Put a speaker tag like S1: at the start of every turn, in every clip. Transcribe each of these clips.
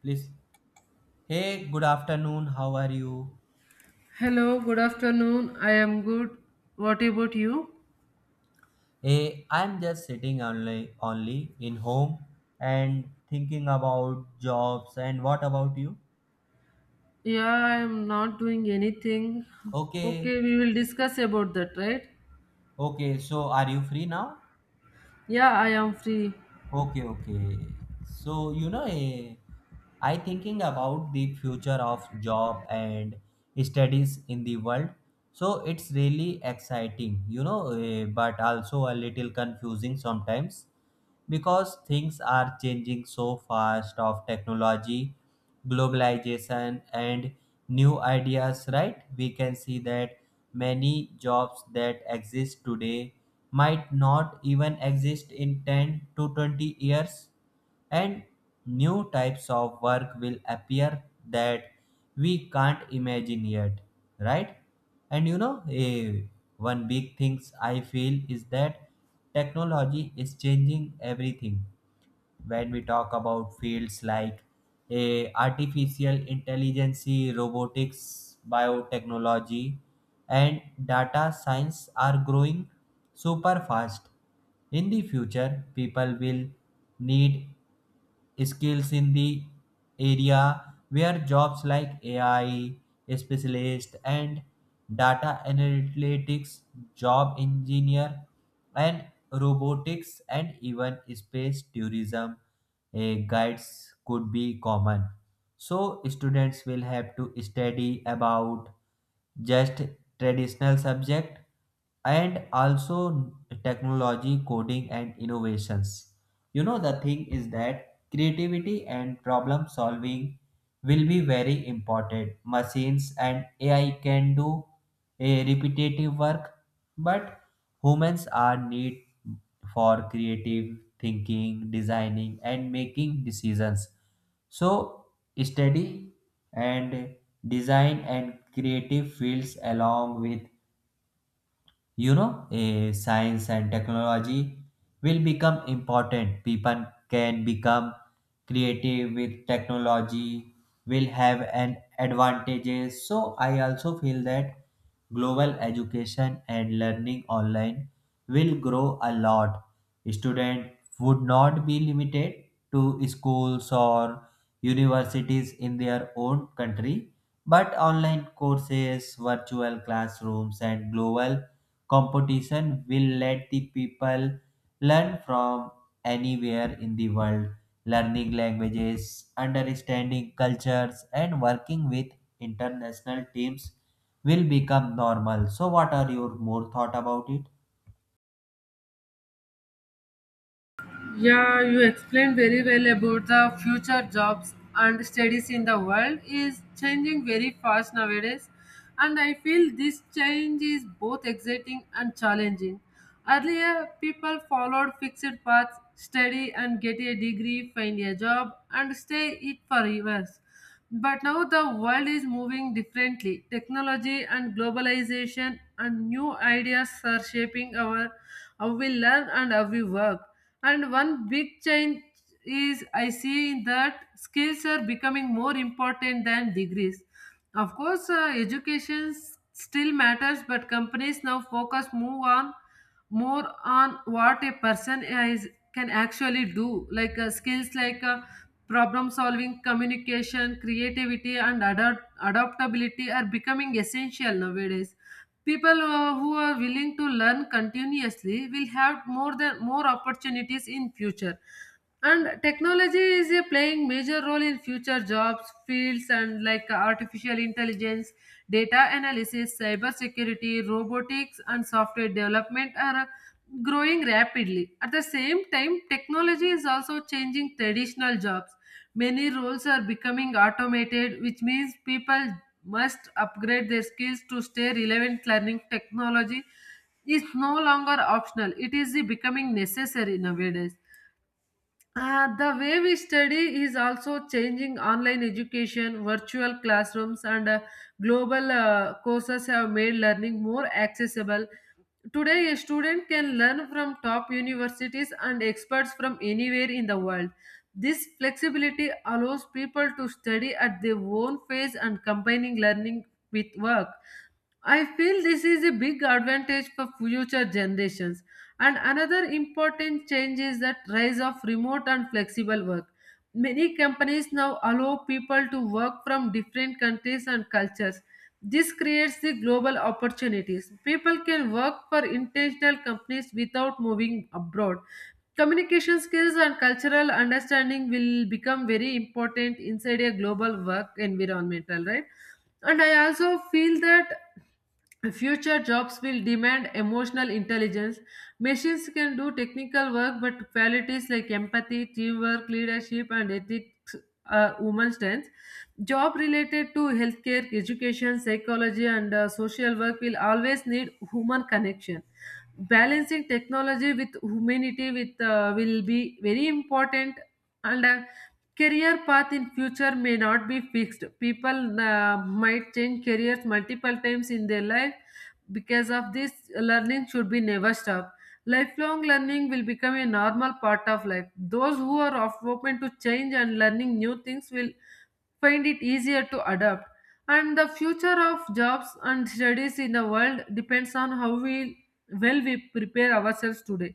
S1: Please. Hey, good afternoon. How are you?
S2: Hello, good afternoon. I am good. What about you?
S1: Hey, I'm just sitting only in home and thinking about jobs. And what about you?
S2: Yeah, I am not doing anything. Okay,
S1: Okay.
S2: we will discuss about that, right?
S1: Okay. So are you free now?
S2: Yeah, I am free.
S1: Okay, okay. So you know, I thinking about the future of job and studies in the world. So it's really exciting, you know, but also a little confusing sometimes because things are changing so fast of technology, globalization, and new ideas, right? We can see that many jobs that exist today might not even exist in 10 to 20 years, and new types of work will appear that we can't imagine yet, right? And you know, one big things I feel is that technology is changing everything. When we talk about fields like artificial intelligence, robotics, biotechnology, and data science are growing super fast. In the future, people will need skills in the area where jobs like AI specialist and data analytics, job engineer, and robotics and even space tourism guides could be common. So students will have to study about just traditional subject and also technology, coding, and innovations. You know, the thing is that creativity and problem solving will be very important. Machines and AI can do a repetitive work, but humans are need for creative thinking, designing, and making decisions. So study and design and creative fields along with you know, science and technology will become important. People can become creative with technology will have an advantages. So I also feel that global education and learning online will grow a lot. Student would not be limited to schools or universities in their own country, but online courses, virtual classrooms, and global competition will let the people learn from anywhere in the world. Learning languages, understanding cultures, and working with international teams will become normal. So, what are your more thought about it?
S2: Yeah, you explained very well about the future jobs and studies in the world is changing very fast nowadays. And I feel this change is both exciting and challenging. Earlier, people followed fixed paths, study and get a degree, find a job, and stay it for years. But now the world is moving differently. Technology and globalization and new ideas are shaping our how we learn and how we work. And one big change is I see that skills are becoming more important than degrees. Of course, education still matters, but companies now focus more on what a person is can actually do like skills like problem solving, communication, creativity, and adaptability are becoming essential nowadays. People who are willing to learn continuously will have more than more opportunities in future. And technology is playing major role in future jobs fields and like artificial intelligence, data analysis, cybersecurity, robotics, and software development are growing rapidly. At the same time, technology is also changing traditional jobs. Many roles are becoming automated, which means people must upgrade their skills to stay relevant. Learning technology is no longer optional, it is becoming necessary nowadays. The way we study is also changing. Online education, virtual classrooms, and global courses have made learning more accessible. Today, a student can learn from top universities and experts from anywhere in the world. This flexibility allows people to study at their own pace and combining learning with work. I feel this is a big advantage for future generations. And another important change is that rise of remote and flexible work. Many companies now allow people to work from different countries and cultures. This creates the global opportunities. People can work for international companies without moving abroad. Communication skills and cultural understanding will become very important inside a global work environmental, right? And I also feel that future jobs will demand emotional intelligence. Machines can do technical work, but qualities like empathy, teamwork, leadership, and ethics are women's strengths. Job related to healthcare, education, psychology, and social work will always need human connection. Balancing technology with humanity with will be very important, and career path in future may not be fixed. People might change careers multiple times in their life. Because of this, learning should be never stopped. Lifelong learning will become a normal part of life. Those who are open to change and learning new things will find it easier to adapt. And the future of jobs and studies in the world depends on how we well we prepare ourselves today.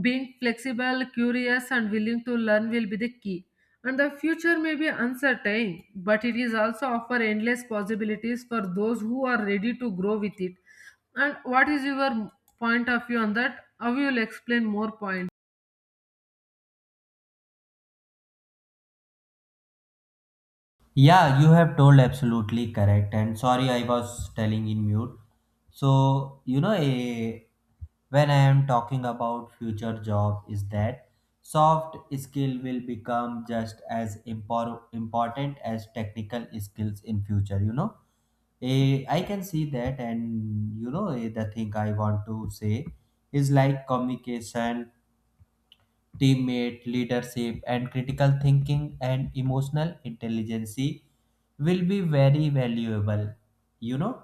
S2: Being flexible, curious, and willing to learn will be the key. And the future may be uncertain, but it is also offer endless possibilities for those who are ready to grow with it. And what is your point of view on that? How you will explain more points?
S1: Yeah, you have told absolutely correct. And sorry, I was telling in mute. So, you know, when I am talking about future job, is that soft skill will become just as important as technical skills in future. You know, I can see that, and you know, the thing I want to say is like communication, teammate, leadership, and critical thinking, and emotional intelligence will be very valuable. You know,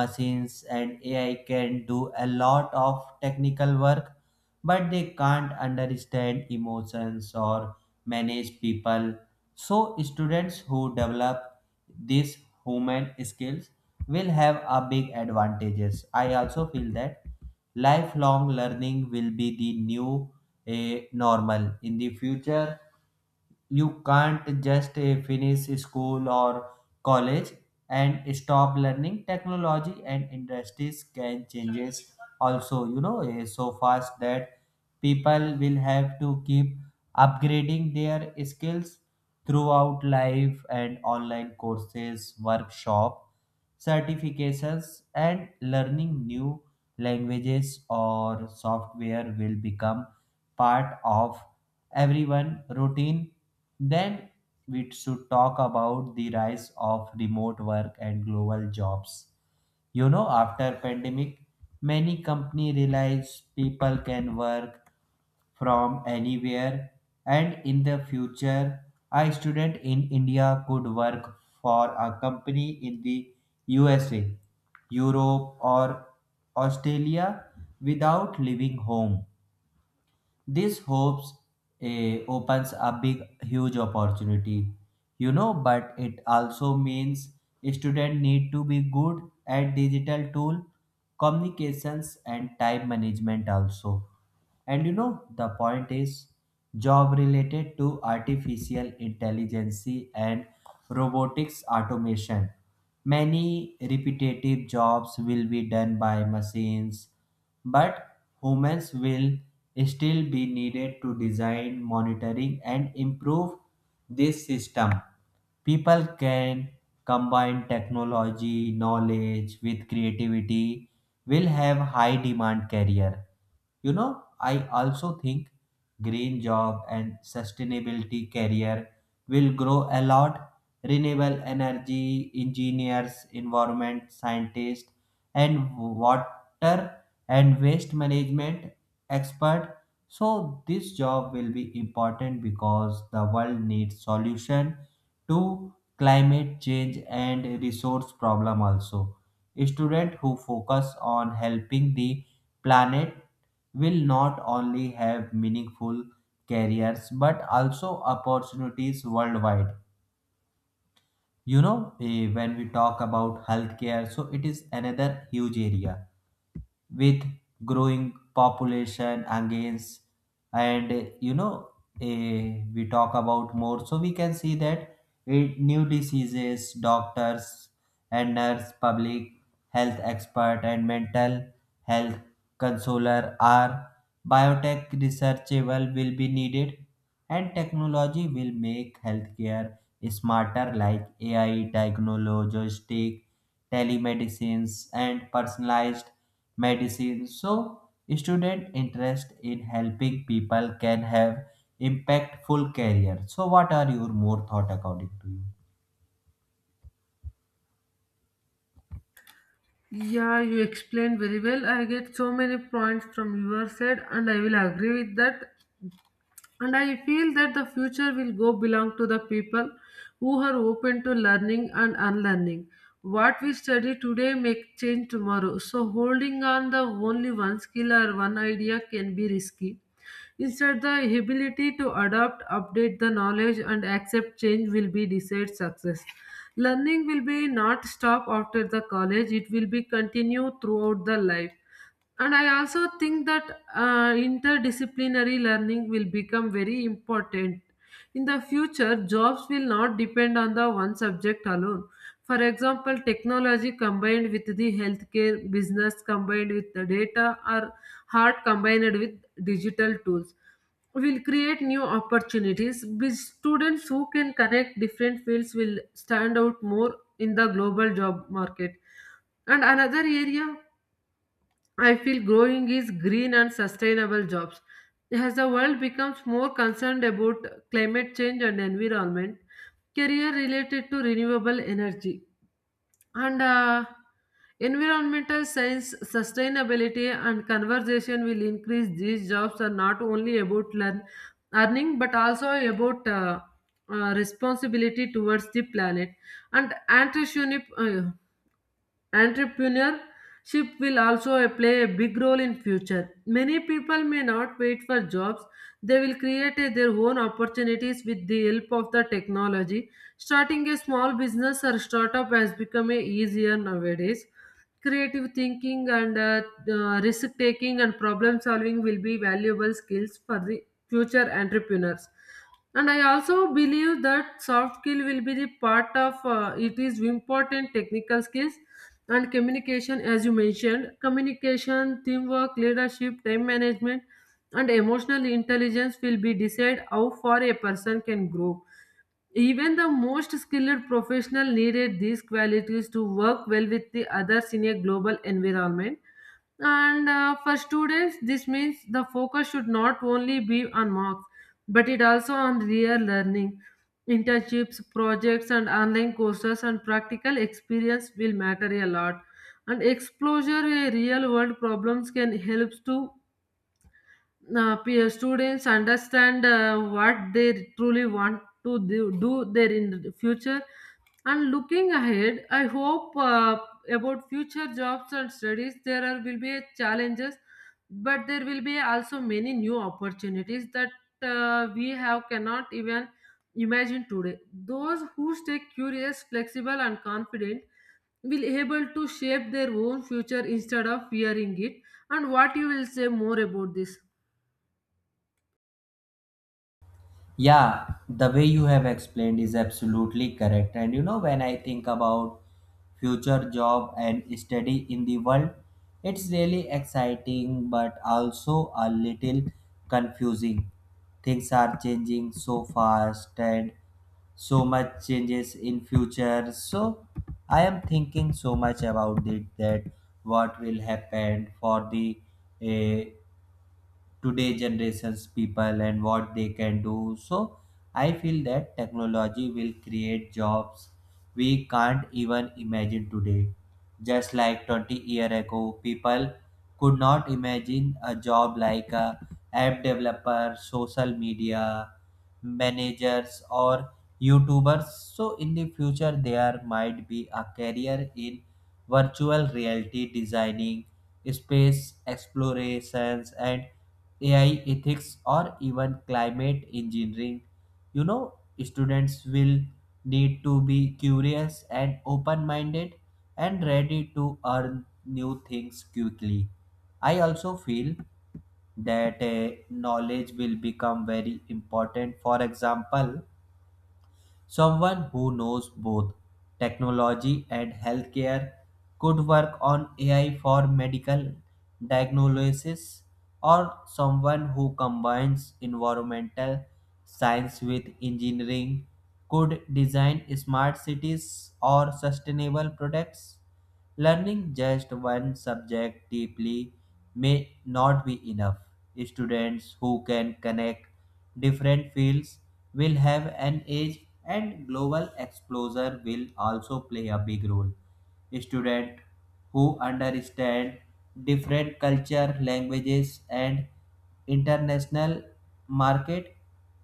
S1: machines and AI can do a lot of technical work, but they can't understand emotions or manage people. So, students who develop these human skills will have a big advantages. I also feel that lifelong learning will be the new normal in the future. You can't just finish school or college and stop learning. Technology and industries can changes also, you know, so fast that people will have to keep upgrading their skills throughout life. And online courses, workshop, certifications, and learning new languages or software will become part of everyone routine. Then we should talk about the rise of remote work and global jobs. You know, after pandemic, many company realize people can work from anywhere. And in the future, a student in India could work for a company in the USA, Europe, or Australia without leaving home. This hopes, opens a big, huge opportunity, you know, but it also means students need to be good at digital tool, communications, and time management also. And you know, the point is job related to artificial intelligence and robotics automation. Many repetitive jobs will be done by machines, but humans will still be needed to design, monitoring, and improve this system. People can combine technology, knowledge with creativity, will have high demand career. You know, I also think green job and sustainability career will grow a lot. Renewable energy engineers, environment scientists, and water and waste management expert. So this job will be important because the world needs solution to climate change and resource problem also. Students who focus on helping the planet will not only have meaningful careers but also opportunities worldwide. You know, when we talk about healthcare, so it is another huge area with growing population against. And you know, we talk about more, so we can see that new diseases, doctors and nurse, public health expert, and mental health consoler are biotech researchable will be needed. And technology will make healthcare smarter like AI diagnostic, telemedicines, and personalized medicine. So, student interest in helping people can have impactful career. So, what are your more thought according to you?
S2: Yeah, you explained very well. I get so many points from your side, and I will agree with that. And I feel that the future will go belong to the people who are open to learning and unlearning. What we study today may change tomorrow. So holding on the only one skill or one idea can be risky. Instead, the ability to adapt, update the knowledge, and accept change will be desired success. Learning will be not stop after the college; it will be continue throughout the life. And I also think that interdisciplinary learning will become very important. In the future, jobs will not depend on the one subject alone. For example, technology combined with the healthcare, business combined with the data, or art combined with digital tools will create new opportunities. With students who can connect different fields will stand out more in the global job market. And another area I feel growing is green and sustainable jobs. As the world becomes more concerned about climate change and environment, career related to renewable energy and environmental science, sustainability, and conversation will increase. These jobs are not only about learn, earning but also about responsibility towards the planet and entrepreneurship. Entrepreneurship will also play a big role in future. Many people may not wait for jobs. They will their own opportunities with the help of the technology. Starting a small business or startup has become a easier nowadays. Creative thinking and risk taking and problem solving will be valuable skills for the future entrepreneurs. And I also believe that soft skill will be the part of it is important technical skills and communication. As you mentioned, communication, teamwork, leadership, time management, and emotional intelligence will be decide how far a person can grow. Even the most skilled professional needed these qualities to work well with the others in a global environment. And for students, this means the focus should not only be on marks, but it also on real learning. Internships, projects, and online courses and practical experience will matter a lot. And exposure to real world problems can help to students understand what they truly want to do, do there in the future. And looking ahead, I hope about future jobs and studies there are, will be challenges, but there will be also many new opportunities that we have cannot even imagine today. Those who stay curious, flexible, and confident will able to shape their own future instead of fearing it. And what you will say more about this?
S1: Yeah, the way you have explained is absolutely correct. And you know, when I think about future job and study in the world, it's really exciting but also a little confusing. Things are changing so fast and so much changes in future. So I am thinking so much about it that what will happen for the uh, today generations people and what they can do. So I feel that technology will create jobs we can't even imagine today. Just like 20 year ago, people could not imagine a job like a app developer, social media managers, or youtubers. So in the future, there might be a career in virtual reality designing, space explorations, and AI ethics, or even climate engineering. You know, students will need to be curious and open minded and ready to learn new things quickly. I also feel that knowledge will become very important. For example, someone who knows both technology and healthcare could work on AI for medical diagnosis, or someone who combines environmental science with engineering could design smart cities or sustainable products. Learning just one subject deeply may not be enough. Students who can connect different fields will have an edge, and global exposure will also play a big role. Students who understand different culture, languages, and international market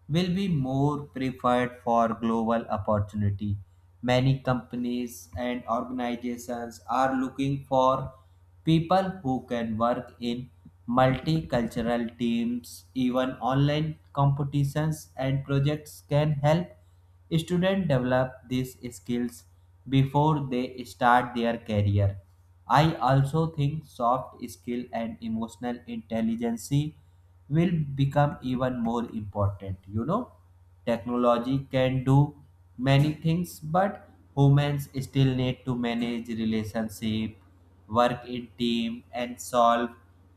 S1: will be more preferred for global opportunity. Many companies and organizations are looking for people who can work in multicultural teams. Even online competitions and projects can help students develop these skills before they start their career. I also think soft skill and emotional intelligence will become even more important. You know, technology can do many things, but humans still need to manage relationship, work in team, and solve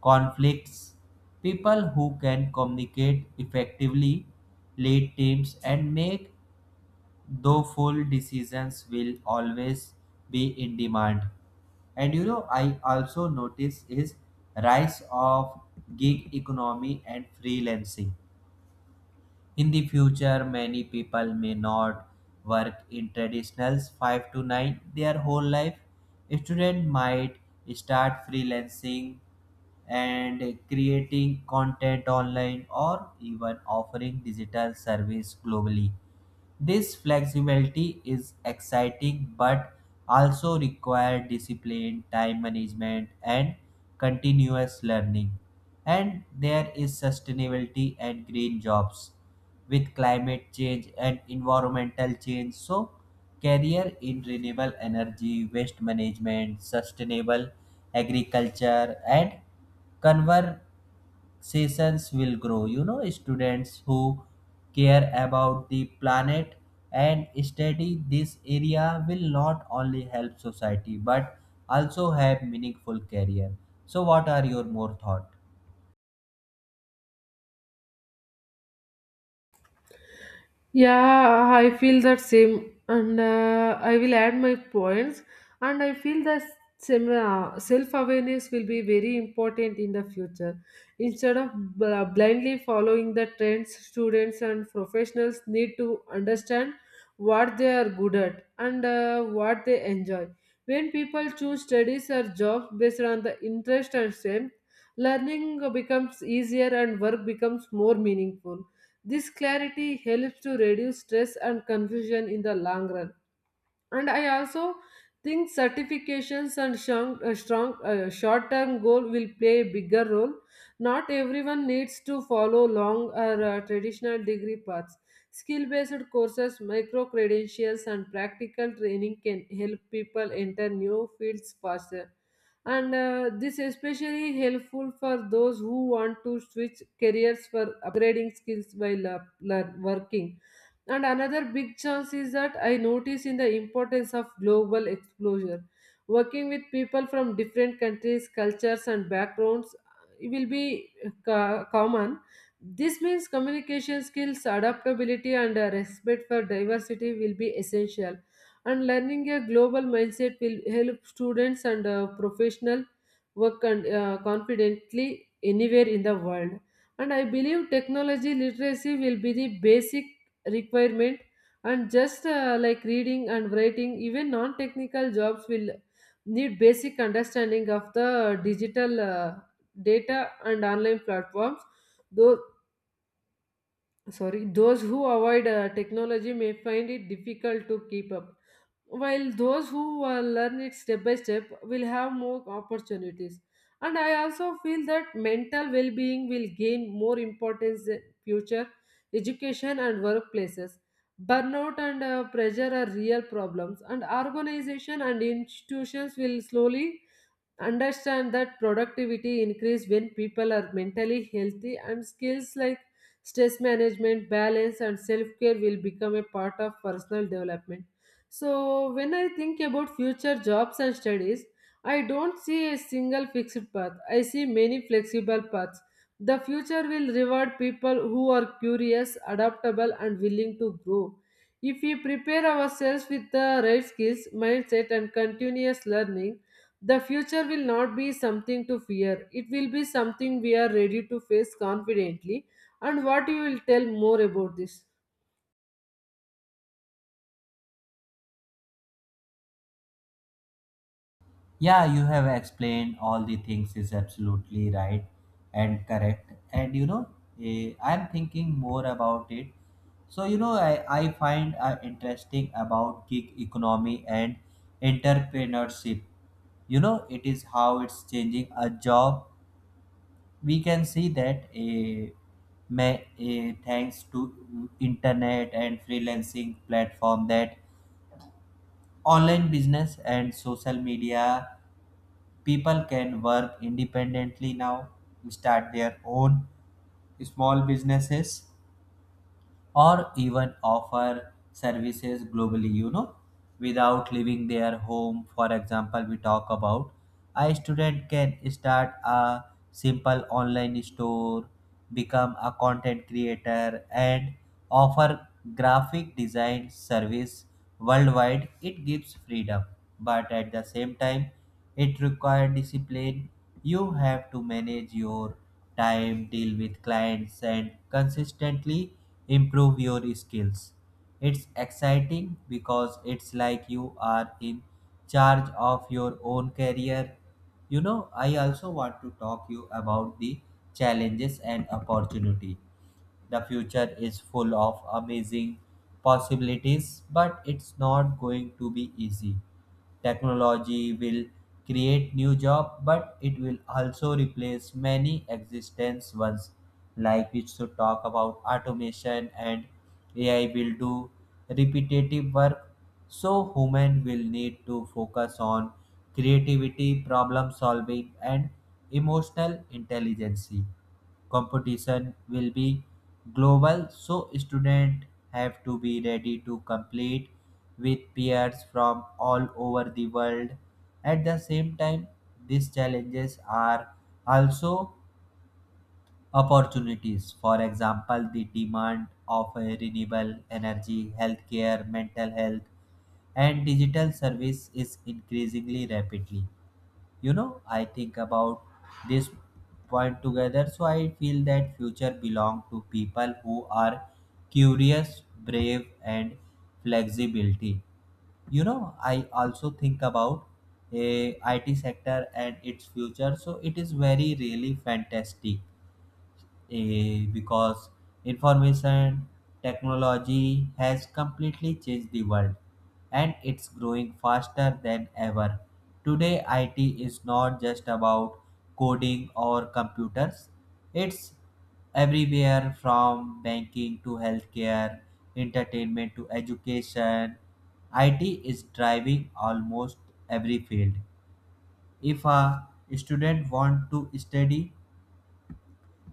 S1: conflicts. People who can communicate effectively, lead teams, and make though full decisions will always be in demand. And you know, I also notice is rise of gig economy and freelancing. In the future, many people may not work in traditionals five to nine their whole life. A student might start freelancing and creating content online or even offering digital service globally. This flexibility is exciting but also requires discipline, time management, and continuous learning. And there is sustainability and green jobs with climate change and environmental change. So, career in renewable energy, waste management, sustainable agriculture, and conver sessions will grow. You know, students who care about the planet and study this area will not only help society but also have meaningful career. So what are your more thought?
S2: Yeah, I feel that same, and I will add my points. And I feel that self-awareness will be very important in the future. Instead of blindly following the trends, students and professionals need to understand what they are good at and what they enjoy. When people choose studies or jobs based on the interest and strength, learning becomes easier and work becomes more meaningful. This clarity helps to reduce stress and confusion in the long run. And I also think certifications and strong short-term goal will play a bigger role. Not everyone needs to follow long or traditional degree paths. Skill-based courses, micro credentials, and practical training can help people enter new fields faster. And this is especially helpful for those who want to switch careers for upgrading skills while working. And another big chance is that I notice in the importance of global exposure. Working with people from different countries, cultures, and backgrounds will be common. This means communication skills, adaptability, and respect for diversity will be essential. And learning a global mindset will help students and professional work and, confidently anywhere in the world. And I believe technology literacy will be the basic requirement. And just like reading and writing, even non-technical jobs will need basic understanding of the digital data and online platforms. Though sorry, those who avoid technology may find it difficult to keep up, while those who learn it step by step will have more opportunities. And I also feel that mental well-being will gain more importance in future education and workplaces. Burnout and pressure are real problems, and organization and institutions will slowly understand that productivity increase when people are mentally healthy. And skills like stress management, balance, and self-care will become a part of personal development. So when I think about future jobs and studies, I don't see a single fixed path. I see many flexible paths. The future will reward people who are curious, adaptable, and willing to grow. If we prepare ourselves with the right skills, mindset, and continuous learning, the future will not be something to fear. It will be something we are ready to face confidently. And what you will tell more about this?
S1: Yeah, you have explained all the things is absolutely right and correct. And you know, I'm thinking more about it. So, you know, I find interesting about gig economy and entrepreneurship. You know, it is how it's changing a job. We can see that a, may, a thanks to internet and freelancing platform that online business and social media, people can work independently now, start their own small businesses, or even offer services globally, you know, without leaving their home. For example, we talk about a student can start a simple online store, become a content creator, and offer graphic design service worldwide. It gives freedom, but at the same time, it requires discipline. You have to manage your time, deal with clients, and consistently improve your skills. It's exciting because it's like you are in charge of your own career. You know, I also want to talk you about the challenges and opportunity. The future is full of amazing possibilities, but it's not going to be easy. Technology will create new job, but it will also replace many existence ones. Like we should talk about automation and AI will do repetitive work. So human will need to focus on creativity, problem solving, and emotional intelligence. Competition will be global, so students have to be ready to compete with peers from all over the world. At the same time, these challenges are also opportunities. For example, the demand of renewable energy, healthcare, mental health, and digital service is increasingly rapidly. You know, I think about this point together, so I feel that future belong to people who are curious, brave, and flexibility. You know, I also think about a IT sector and its future. So it is very really fantastic, because information technology has completely changed the world, and it's growing faster than ever. Today, IT is not just about coding or computers, it's everywhere from banking to healthcare, entertainment to education. IT is driving almost every field. If a student wants to study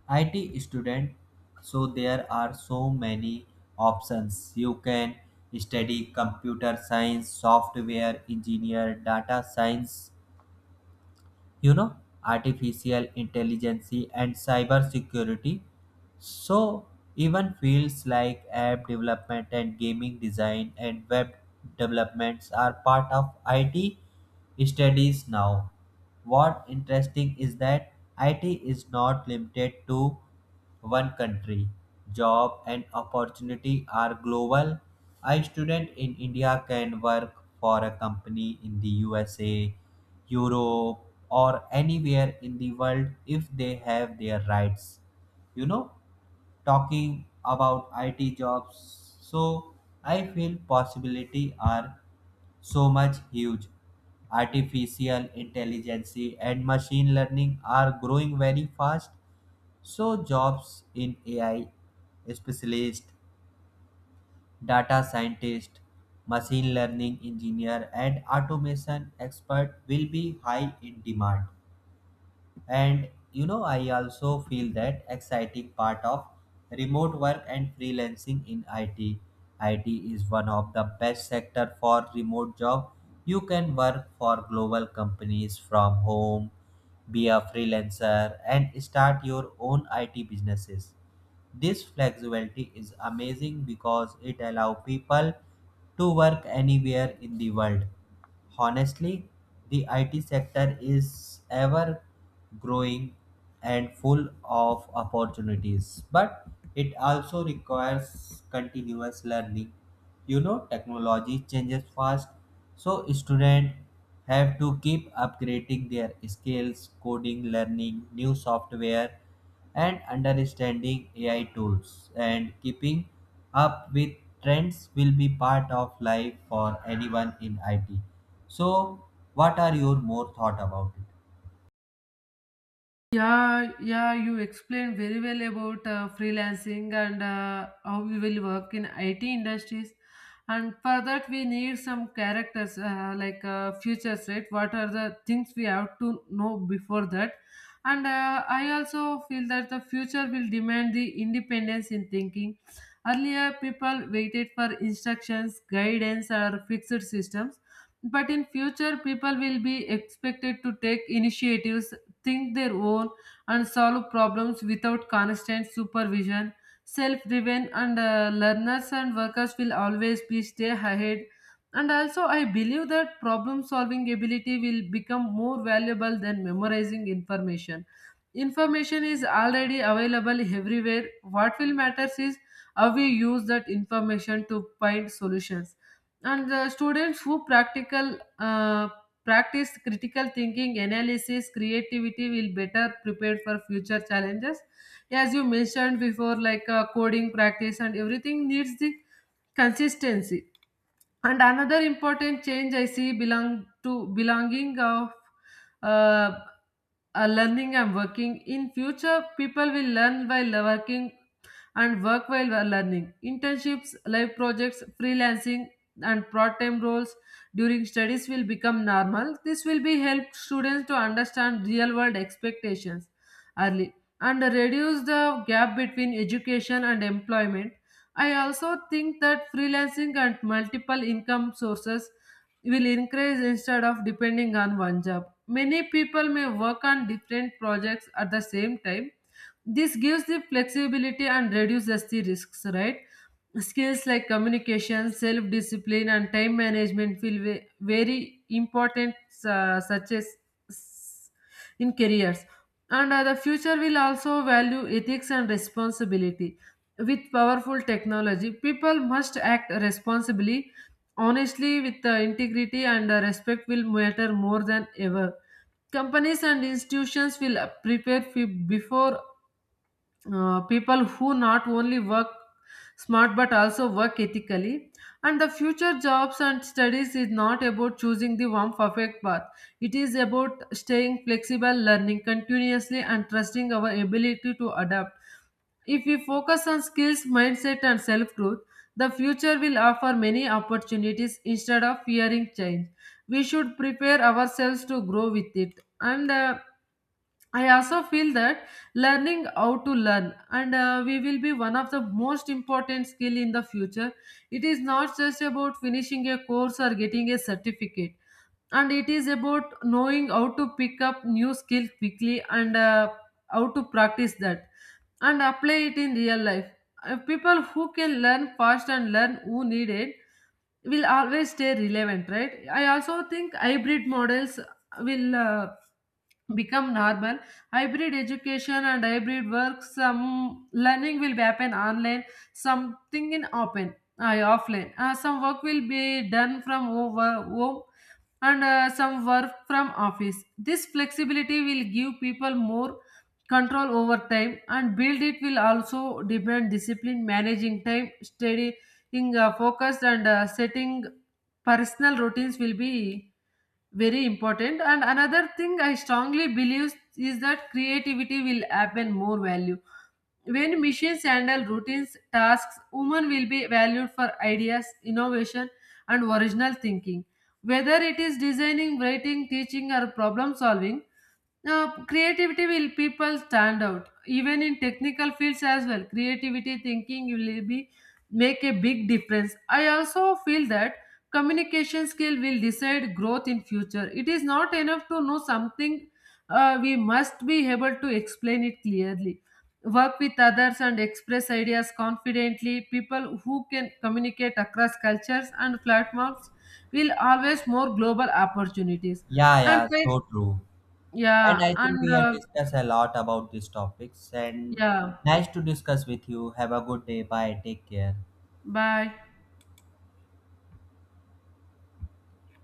S1: IT student, so there are so many options. You can study computer science, software engineer, data science, you know, artificial intelligence, and cyber security. So even fields like app development and gaming design and web developments are part of IT studies now. What interesting is that IT is not limited to one country. Job and opportunity are global. A student in India can work for a company in the USA, Europe, or anywhere in the world if they have their rights. You know, talking about IT jobs. So I feel possibility are so much huge. Artificial intelligence and machine learning are growing very fast. So jobs in AI specialist, data scientist, machine learning engineer, and automation expert will be high in demand. And you know, I also feel that exciting part of remote work and freelancing in IT. IT is one of the best sector for remote job. You can work for global companies from home, be a freelancer, and start your own IT businesses. This flexibility is amazing because it allows people to work anywhere in the world. Honestly, the IT sector is ever growing and full of opportunities, but it also requires continuous learning. You know, technology changes fast, so students have to keep upgrading their skills, coding, learning new software, and understanding AI tools, and keeping up with trends will be part of life for anyone in IT. So, what are your more thought about it?
S2: Yeah, yeah, you explained very well about freelancing and how we will work in IT industries. And for that, we need some characters like futures, right? What are the things we have to know before that? And I also feel that the future will demand the independence in thinking. Earlier, people waited for instructions, guidance, or fixed systems. But in future, people will be expected to take initiatives, think their own, and solve problems without constant supervision. Self driven and learners and workers will always be stay ahead. And also, I believe that problem solving ability will become more valuable than memorizing information. Information is already available everywhere. What will matters is how we use that information to find solutions. And the students who practical practice critical thinking, analysis, creativity will better prepared for future challenges. As you mentioned before, like coding practice and everything needs the consistency. And another important change I see belong to belonging of uh, learning and working. In future, people will learn while working and work while learning. Internships, life projects, freelancing, and part-time roles during studies will become normal. This will be help students to understand real-world expectations early and reduce the gap between education and employment. I also think that freelancing and multiple income sources will increase instead of depending on one job. Many people may work on different projects at the same time. This gives the flexibility and reduces the risks, right? Skills like communication, self discipline, and time management feel very important, such as s- in careers. And the future will also value ethics and responsibility. With powerful technology, people must act responsibly, honestly, with integrity, and respect will matter more than ever. Companies and institutions will prepare before people who not only work smart but also work ethically. And the future jobs and studies is not about choosing the one perfect path. It is about staying flexible, learning continuously, and trusting our ability to adapt. If we focus on skills, mindset, and self growth, the future will offer many opportunities. Instead of fearing change, we should prepare ourselves to grow with it. And the I also feel that learning how to learn and we will be one of the most important skill in the future. It is not just about finishing a course or getting a certificate, and it is about knowing how to pick up new skill quickly and how to practice that and apply it in real life. People who can learn fast and learn who need it will always stay relevant, right? I also think hybrid models will become normal. Hybrid education and hybrid work, some learning will happen online, something in open, I offline. Some work will be done from over home and some work from office. This flexibility will give people more control over time and build it will also demand discipline managing time study, being focused and setting personal routines will be very important. And another thing I strongly believe is that creativity will happen more value. When machines handle routines tasks, women will be valued for ideas, innovation, and original thinking, whether it is designing, writing, teaching, or problem solving. Now, creativity will people stand out even in technical fields as well. Creativity thinking will be make a big difference. I also feel that communication skill will decide growth in future. It is not enough to know something. We must be able to explain it clearly. Work with others and express ideas confidently. People who can communicate across cultures and platforms will always more global opportunities.
S1: Yeah,
S2: And
S1: yeah,
S2: fin-
S1: so true. And
S2: yeah,
S1: I think
S2: and
S1: we have discussed a lot about these topics and
S2: yeah,
S1: nice to discuss with you. Have a good day. Bye. Take care.
S2: bye.